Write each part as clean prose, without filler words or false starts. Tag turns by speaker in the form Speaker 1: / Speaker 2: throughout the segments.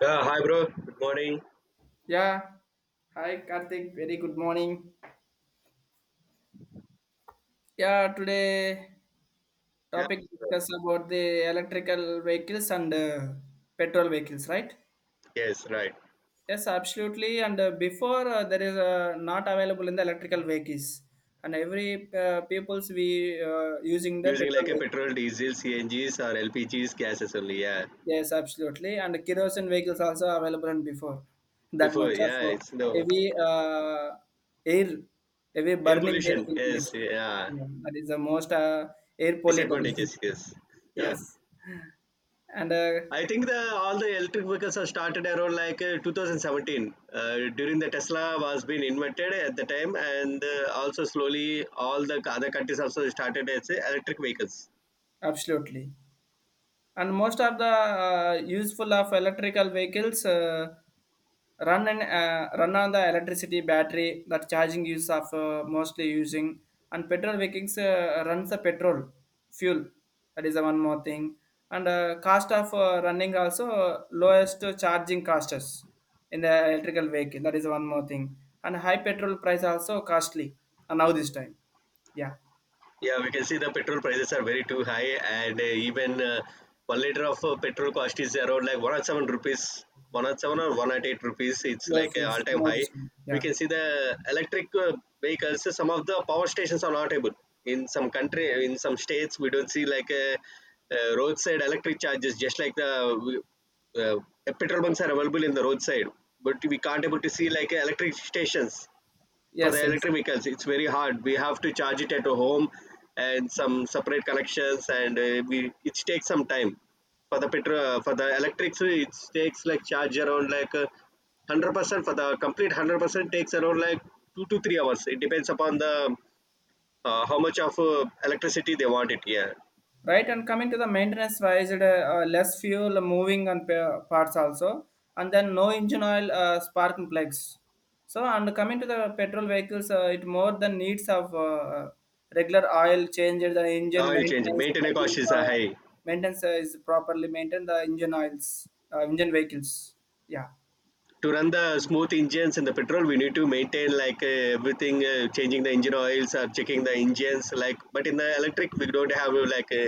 Speaker 1: Yeah, hi bro. Good morning.
Speaker 2: Yeah. Hi, Karthik. Very good morning. Yeah, today
Speaker 1: Yeah.
Speaker 2: topic discuss about the electrical vehicles and petrol vehicles, right?
Speaker 1: Yes, right.
Speaker 2: Yes, absolutely. And before there is not available in the electrical vehicles, and every people's we using the
Speaker 1: Using like a
Speaker 2: petrol.
Speaker 1: petrol, diesel, CNGs or LPGs gases only. Yeah.
Speaker 2: Yes, absolutely. And kerosene vehicles also available than before. That
Speaker 1: Before,
Speaker 2: much of
Speaker 1: yeah, it's no
Speaker 2: heavy air, heavy
Speaker 1: air
Speaker 2: burning air
Speaker 1: pollution.
Speaker 2: will
Speaker 1: Yes,
Speaker 2: release.
Speaker 1: yeah.
Speaker 2: Yeah, that is the most air polluted.
Speaker 1: Disadvantages. Yes. Yeah.
Speaker 2: Yes, and
Speaker 1: I think the all the electric vehicles have started around like 2017. During the Tesla was being invented at the time, and also slowly all the other countries also started as electric vehicles.
Speaker 2: absolutely. And most of the useful of electrical vehicles. Run and run on the electricity battery that charging use of mostly using and petrol vehicles runs the petrol fuel. That is the one more thing. And cost of running also lowest charging costs in the electrical vehicle. That is one more thing. And high petrol price also costly, and now this time. Yeah.
Speaker 1: Yeah, we can see the petrol prices are very too high, and even 1 liter of petrol cost is around like 107 rupees, 107 or 108 rupees. It's
Speaker 2: Yes,
Speaker 1: like an
Speaker 2: yes,
Speaker 1: all time
Speaker 2: now
Speaker 1: high.
Speaker 2: this time.
Speaker 1: We
Speaker 2: Yeah.
Speaker 1: can see the electric vehicles, some of the power stations are not able. In some country, in some states, we don't see like roadside electric charges, just like the uh, uh, petrol bunks are available in the roadside, but we can't able to see like electric stations for
Speaker 2: Yes,
Speaker 1: the
Speaker 2: yes.
Speaker 1: electric vehicles. It's very hard, we have to charge it at home and some separate connections, and we, it takes some time for the petrol. For the electrics, it takes like charge around like 100% for the complete 100%, takes around like 2 to 3 hours. It depends upon the how much of electricity they want it. Yeah,
Speaker 2: Right, and coming to the maintenance wise, it, less fuel moving and parts also, and then no engine oil, spark and plugs. So, and coming to the petrol vehicles, it more than needs of regular oil changes, the engine
Speaker 1: oil change
Speaker 2: maintenance,
Speaker 1: maintenance cost is
Speaker 2: uh,
Speaker 1: high
Speaker 2: maintenance is properly maintained the engine oils, engine vehicles. Yeah.
Speaker 1: to run the smooth engines. And the petrol, we need to maintain like everything, changing the engine oils or checking the engines, like, but in the electric we don't have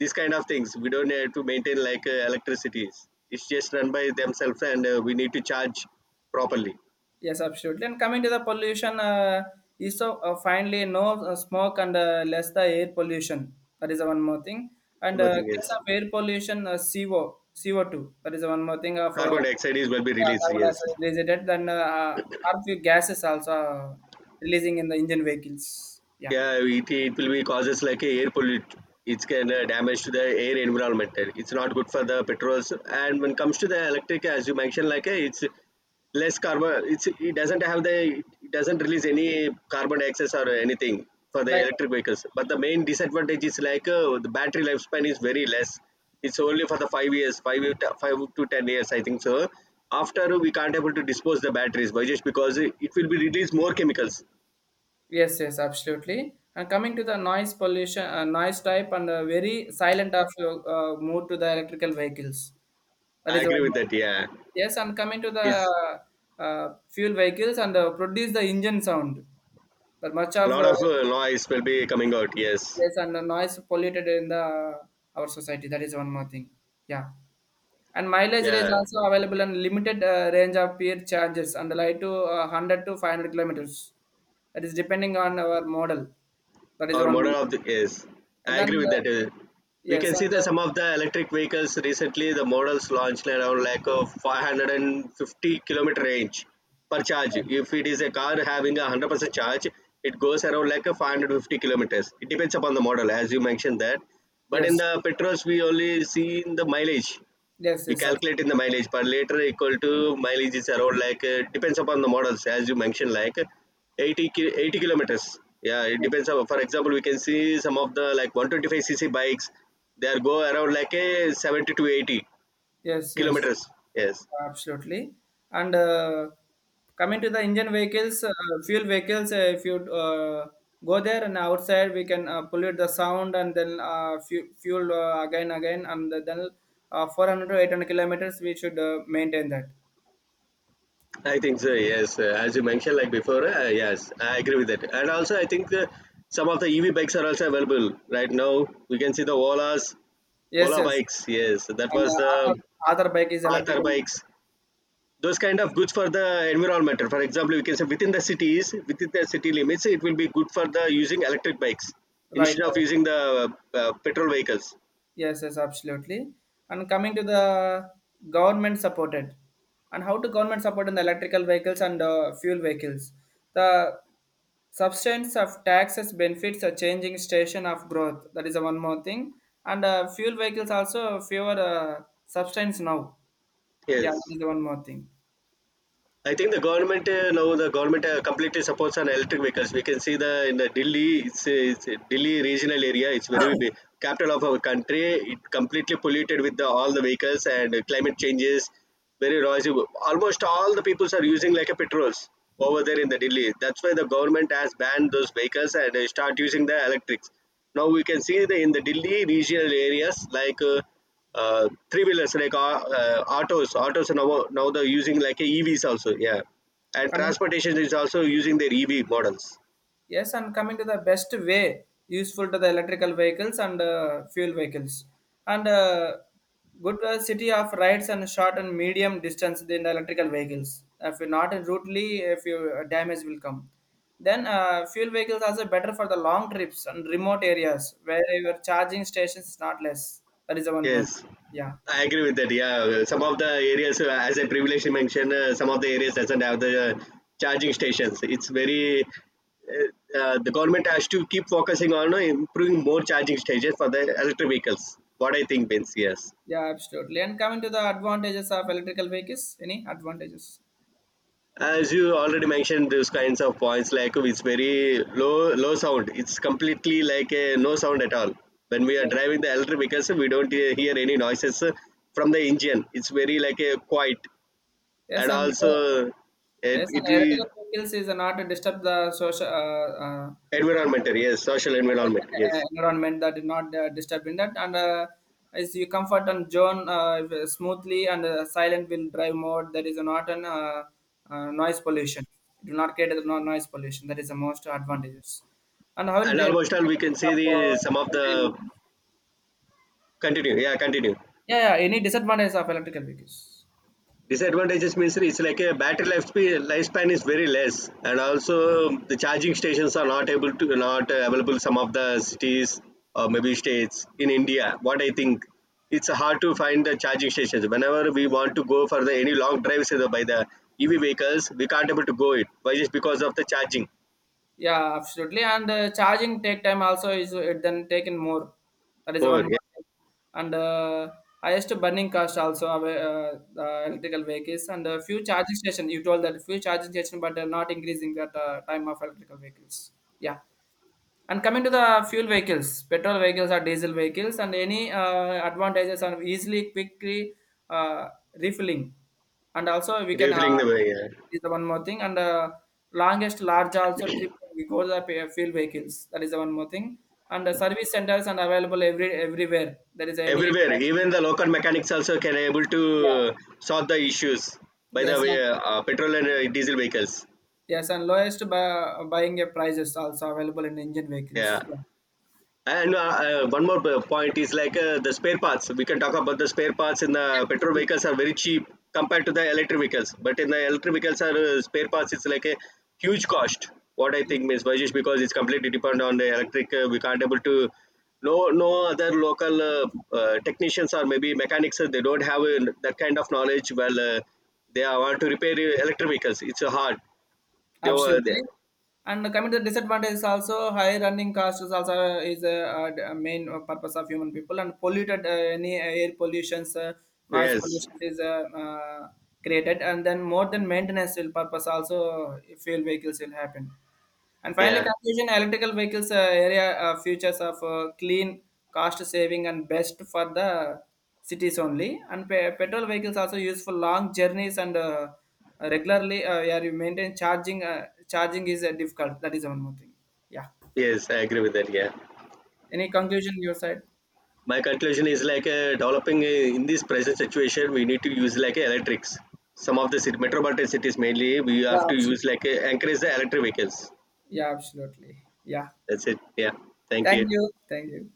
Speaker 1: these kind of things. We don't have to maintain like electricities, it's just run by themselves, and we need to charge properly.
Speaker 2: Yes, absolutely. And coming to the pollution, is so finally no smoke and less the air pollution. That is the one more thing.
Speaker 1: One
Speaker 2: And
Speaker 1: more thing
Speaker 2: case
Speaker 1: is
Speaker 2: of air pollution, CO, CO2. That is the one more thing of
Speaker 1: carbon dioxide is will be
Speaker 2: yeah,
Speaker 1: released,
Speaker 2: carbon
Speaker 1: yes.
Speaker 2: dioxide released. It. Then harmful gases also releasing in the engine vehicles. Yeah,
Speaker 1: Yeah, it will be causes like a air pollute. It's can damage to the air environment. It's not good for the petrols. And when it comes to the electric, as you mentioned, like, it's less carbon. It's, it doesn't have the, it doesn't release any carbon dioxide or anything for the
Speaker 2: right.
Speaker 1: electric vehicles. But the main disadvantage is like the battery lifespan is very less. It's only for the 5 years, 5 to 10 years, I think so. After we can't able to dispose the batteries, but just because it will be release more chemicals.
Speaker 2: Yes, yes, absolutely. And coming to the noise pollution, noise type, and very silent of your move to the electrical vehicles. That
Speaker 1: I
Speaker 2: is one
Speaker 1: agree with
Speaker 2: more
Speaker 1: that.
Speaker 2: thing.
Speaker 1: Yeah.
Speaker 2: Yes, and coming to
Speaker 1: Is
Speaker 2: the fuel vehicles and produce the engine sound. But much
Speaker 1: a
Speaker 2: of
Speaker 1: lot of noise will be coming out. Yes,
Speaker 2: yes, and the noise polluted in the our society. That is one more thing. Yeah, and mileage is
Speaker 1: yeah.
Speaker 2: also available in limited range of peer charges and like to 100 to 500 kilometers. That is depending on our model. That is the
Speaker 1: Our
Speaker 2: one.
Speaker 1: model of the, yes, I
Speaker 2: And then
Speaker 1: agree with that. We
Speaker 2: yes,
Speaker 1: can
Speaker 2: and
Speaker 1: see that some of the electric vehicles recently, the models launched around like a 550-kilometer range per charge.
Speaker 2: yeah, right.
Speaker 1: If it is a car having a 100% charge, it goes around like a 550 kilometers. It depends upon the model, as you mentioned that. But in
Speaker 2: Yes,
Speaker 1: the petrols, we only see in the mileage.
Speaker 2: yes,
Speaker 1: We
Speaker 2: yes,
Speaker 1: calculate in the mileage per liter equal to mileage is around like, depends upon the models, as you mentioned, like 80 kilometers, yeah. It depends on, for example, we can see some of the like 125 cc bikes, they are go around like a 70 to 80
Speaker 2: yes, yes.
Speaker 1: kilometers, yes.
Speaker 2: Absolutely. And coming to the engine vehicles, fuel vehicles, if you go there and outside, we can pollute the sound and then fuel again, and then 400 to 800 kilometers, we should maintain that.
Speaker 1: I think so, yes. As you mentioned like before, yes, I agree with that. And also I think some of the EV bikes are also available right now. We can see the
Speaker 2: Yes,
Speaker 1: ola
Speaker 2: yes.
Speaker 1: bikes, yes, that
Speaker 2: And
Speaker 1: was the
Speaker 2: other bike is
Speaker 1: arthur
Speaker 2: electrical.
Speaker 1: bikes. Those kind of goods for the environment. For example, we can say within the cities, within the city limits, it will be good for the using electric bikes
Speaker 2: Right,
Speaker 1: instead of
Speaker 2: right.
Speaker 1: using the petrol vehicles.
Speaker 2: Yes, yes, absolutely. And coming to the government supported, and how to government support in the electrical vehicles and fuel vehicles. The substance of taxes benefits a changing station of growth. That is the one more thing. And fuel vehicles also fewer substance now. Yeah,
Speaker 1: Yes.
Speaker 2: that is the one more thing.
Speaker 1: I think the government now the government completely supports on electric vehicles. We can see the, in the Delhi, it's Delhi regional area. It's very big capital of our country. It completely polluted with the, all the vehicles, and climate changes. Very noisy. Almost all the peoples are using like a petrols over there in the Delhi. That's why the government has banned those vehicles and start using the electrics. Now we can see the, in the Delhi regional areas, like, three wheelers like autos are now they're using like a evs also, yeah, and
Speaker 2: Coming.
Speaker 1: transportation is also using their EV models.
Speaker 2: Yes, and coming to the best way useful to the electrical vehicles and fuel vehicles. And good city of rides and short and medium distance in the electrical vehicles. If you're not in routely, if you damage will come. Then fuel vehicles also better for the long trips and remote areas where your charging stations is not less. That is the one more thing.
Speaker 1: Yes,
Speaker 2: Yeah,
Speaker 1: I agree with that. Yeah, some of the areas, as I previously mentioned, some of the areas doesn't have the charging stations. It's very the government has to keep focusing on improving more charging stations for the electric vehicles. What I think, Vince. Yes.
Speaker 2: yeah, absolutely. And coming to the advantages of electrical vehicles, any advantages?
Speaker 1: As you already mentioned those kinds of points, like it's very low sound, it's completely like a no sound at all. When we are driving the electric vehicles, we don't hear any noises from the engine. It's very like a quiet,
Speaker 2: Yes,
Speaker 1: and
Speaker 2: and.
Speaker 1: also it
Speaker 2: Yes, and
Speaker 1: it be
Speaker 2: ethical skills is not to disturb the social
Speaker 1: environmental, yes, social environment, yes.
Speaker 2: environment, that is not disturbing that, and is you comfort and zone, smoothly and silent will drive mode, that is not an noise pollution. It will not create a noise pollution. That is the most advantages. And how will
Speaker 1: And
Speaker 2: the
Speaker 1: almost all we can
Speaker 2: disadvantages
Speaker 1: see
Speaker 2: of,
Speaker 1: the some of
Speaker 2: electrical
Speaker 1: the
Speaker 2: vehicles?
Speaker 1: continue, yeah, continue.
Speaker 2: Yeah, yeah, any disadvantages of electrical vehicles?
Speaker 1: Disadvantages means it's like a battery lifespan is very less, and also the charging stations are not able to not available some of the cities or maybe states in India. What I think, it's hard to find the charging stations. Whenever we want to go for the any long drives by the EV vehicles, we can't able to go it. Why? Just because of the charging
Speaker 2: Yeah, absolutely. And charging take time also is it then taken more. That is one
Speaker 1: more?
Speaker 2: more
Speaker 1: Yeah.
Speaker 2: thing. And highest burning cost also of, the electrical vehicles and few charging station. You told that few charging station, but not increasing that time of electrical vehicles. Yeah. And coming to the fuel vehicles, petrol vehicles or diesel vehicles, and any advantages are easily, quickly uh, refilling. And also, we can,
Speaker 1: Refilling the way. Yeah.
Speaker 2: is the one more thing. And longest large also trip we go to the fuel vehicles. That is the one more thing. And the service centers are available everywhere. There is any,
Speaker 1: Everywhere, even the local mechanics also can able
Speaker 2: yeah,
Speaker 1: to solve the issues by the
Speaker 2: yes, and,
Speaker 1: way petrol and diesel vehicles.
Speaker 2: yes, and lowest buying prices also available in engine vehicles.
Speaker 1: Yeah.
Speaker 2: Yeah.
Speaker 1: And one more point is like the spare parts. We can talk about the spare parts in the petrol vehicles are very cheap compared to the electric vehicles. But in the electric vehicles, are spare parts is like a huge cost. What I
Speaker 2: Yes,
Speaker 1: think, Ms. Vajesh, because it's completely dependent on the electric. We can't able to, no other local technicians or maybe mechanics. They don't have that kind of knowledge. Well, they are want to repair electric vehicles. It's hard. They were they,
Speaker 2: absolutely. And coming to the disadvantage is also high running costs. Is also is a, a main purpose of human people and polluted any air pollutions, noise
Speaker 1: yes,
Speaker 2: pollution is created and then more than maintenance will purpose also fuel vehicles will happen. And finally,
Speaker 1: yeah,
Speaker 2: conclusion electrical vehicles area features of clean, cost saving, and best for the cities only. And petrol vehicles also used for long journeys and regularly. Yeah, you maintain charging. Charging is difficult. That is one more thing. Yeah.
Speaker 1: yes, I agree with that, yeah.
Speaker 2: Any conclusion your side?
Speaker 1: My conclusion is like developing in this present situation we need to use like electrics. Some of the city, metropolitan cities mainly, we have
Speaker 2: Yeah.
Speaker 1: to use like encourage the electric vehicles.
Speaker 2: Yeah. Absolutely. Yeah.
Speaker 1: That's it, yeah. Thank
Speaker 2: Thank
Speaker 1: you.
Speaker 2: you. Thank you.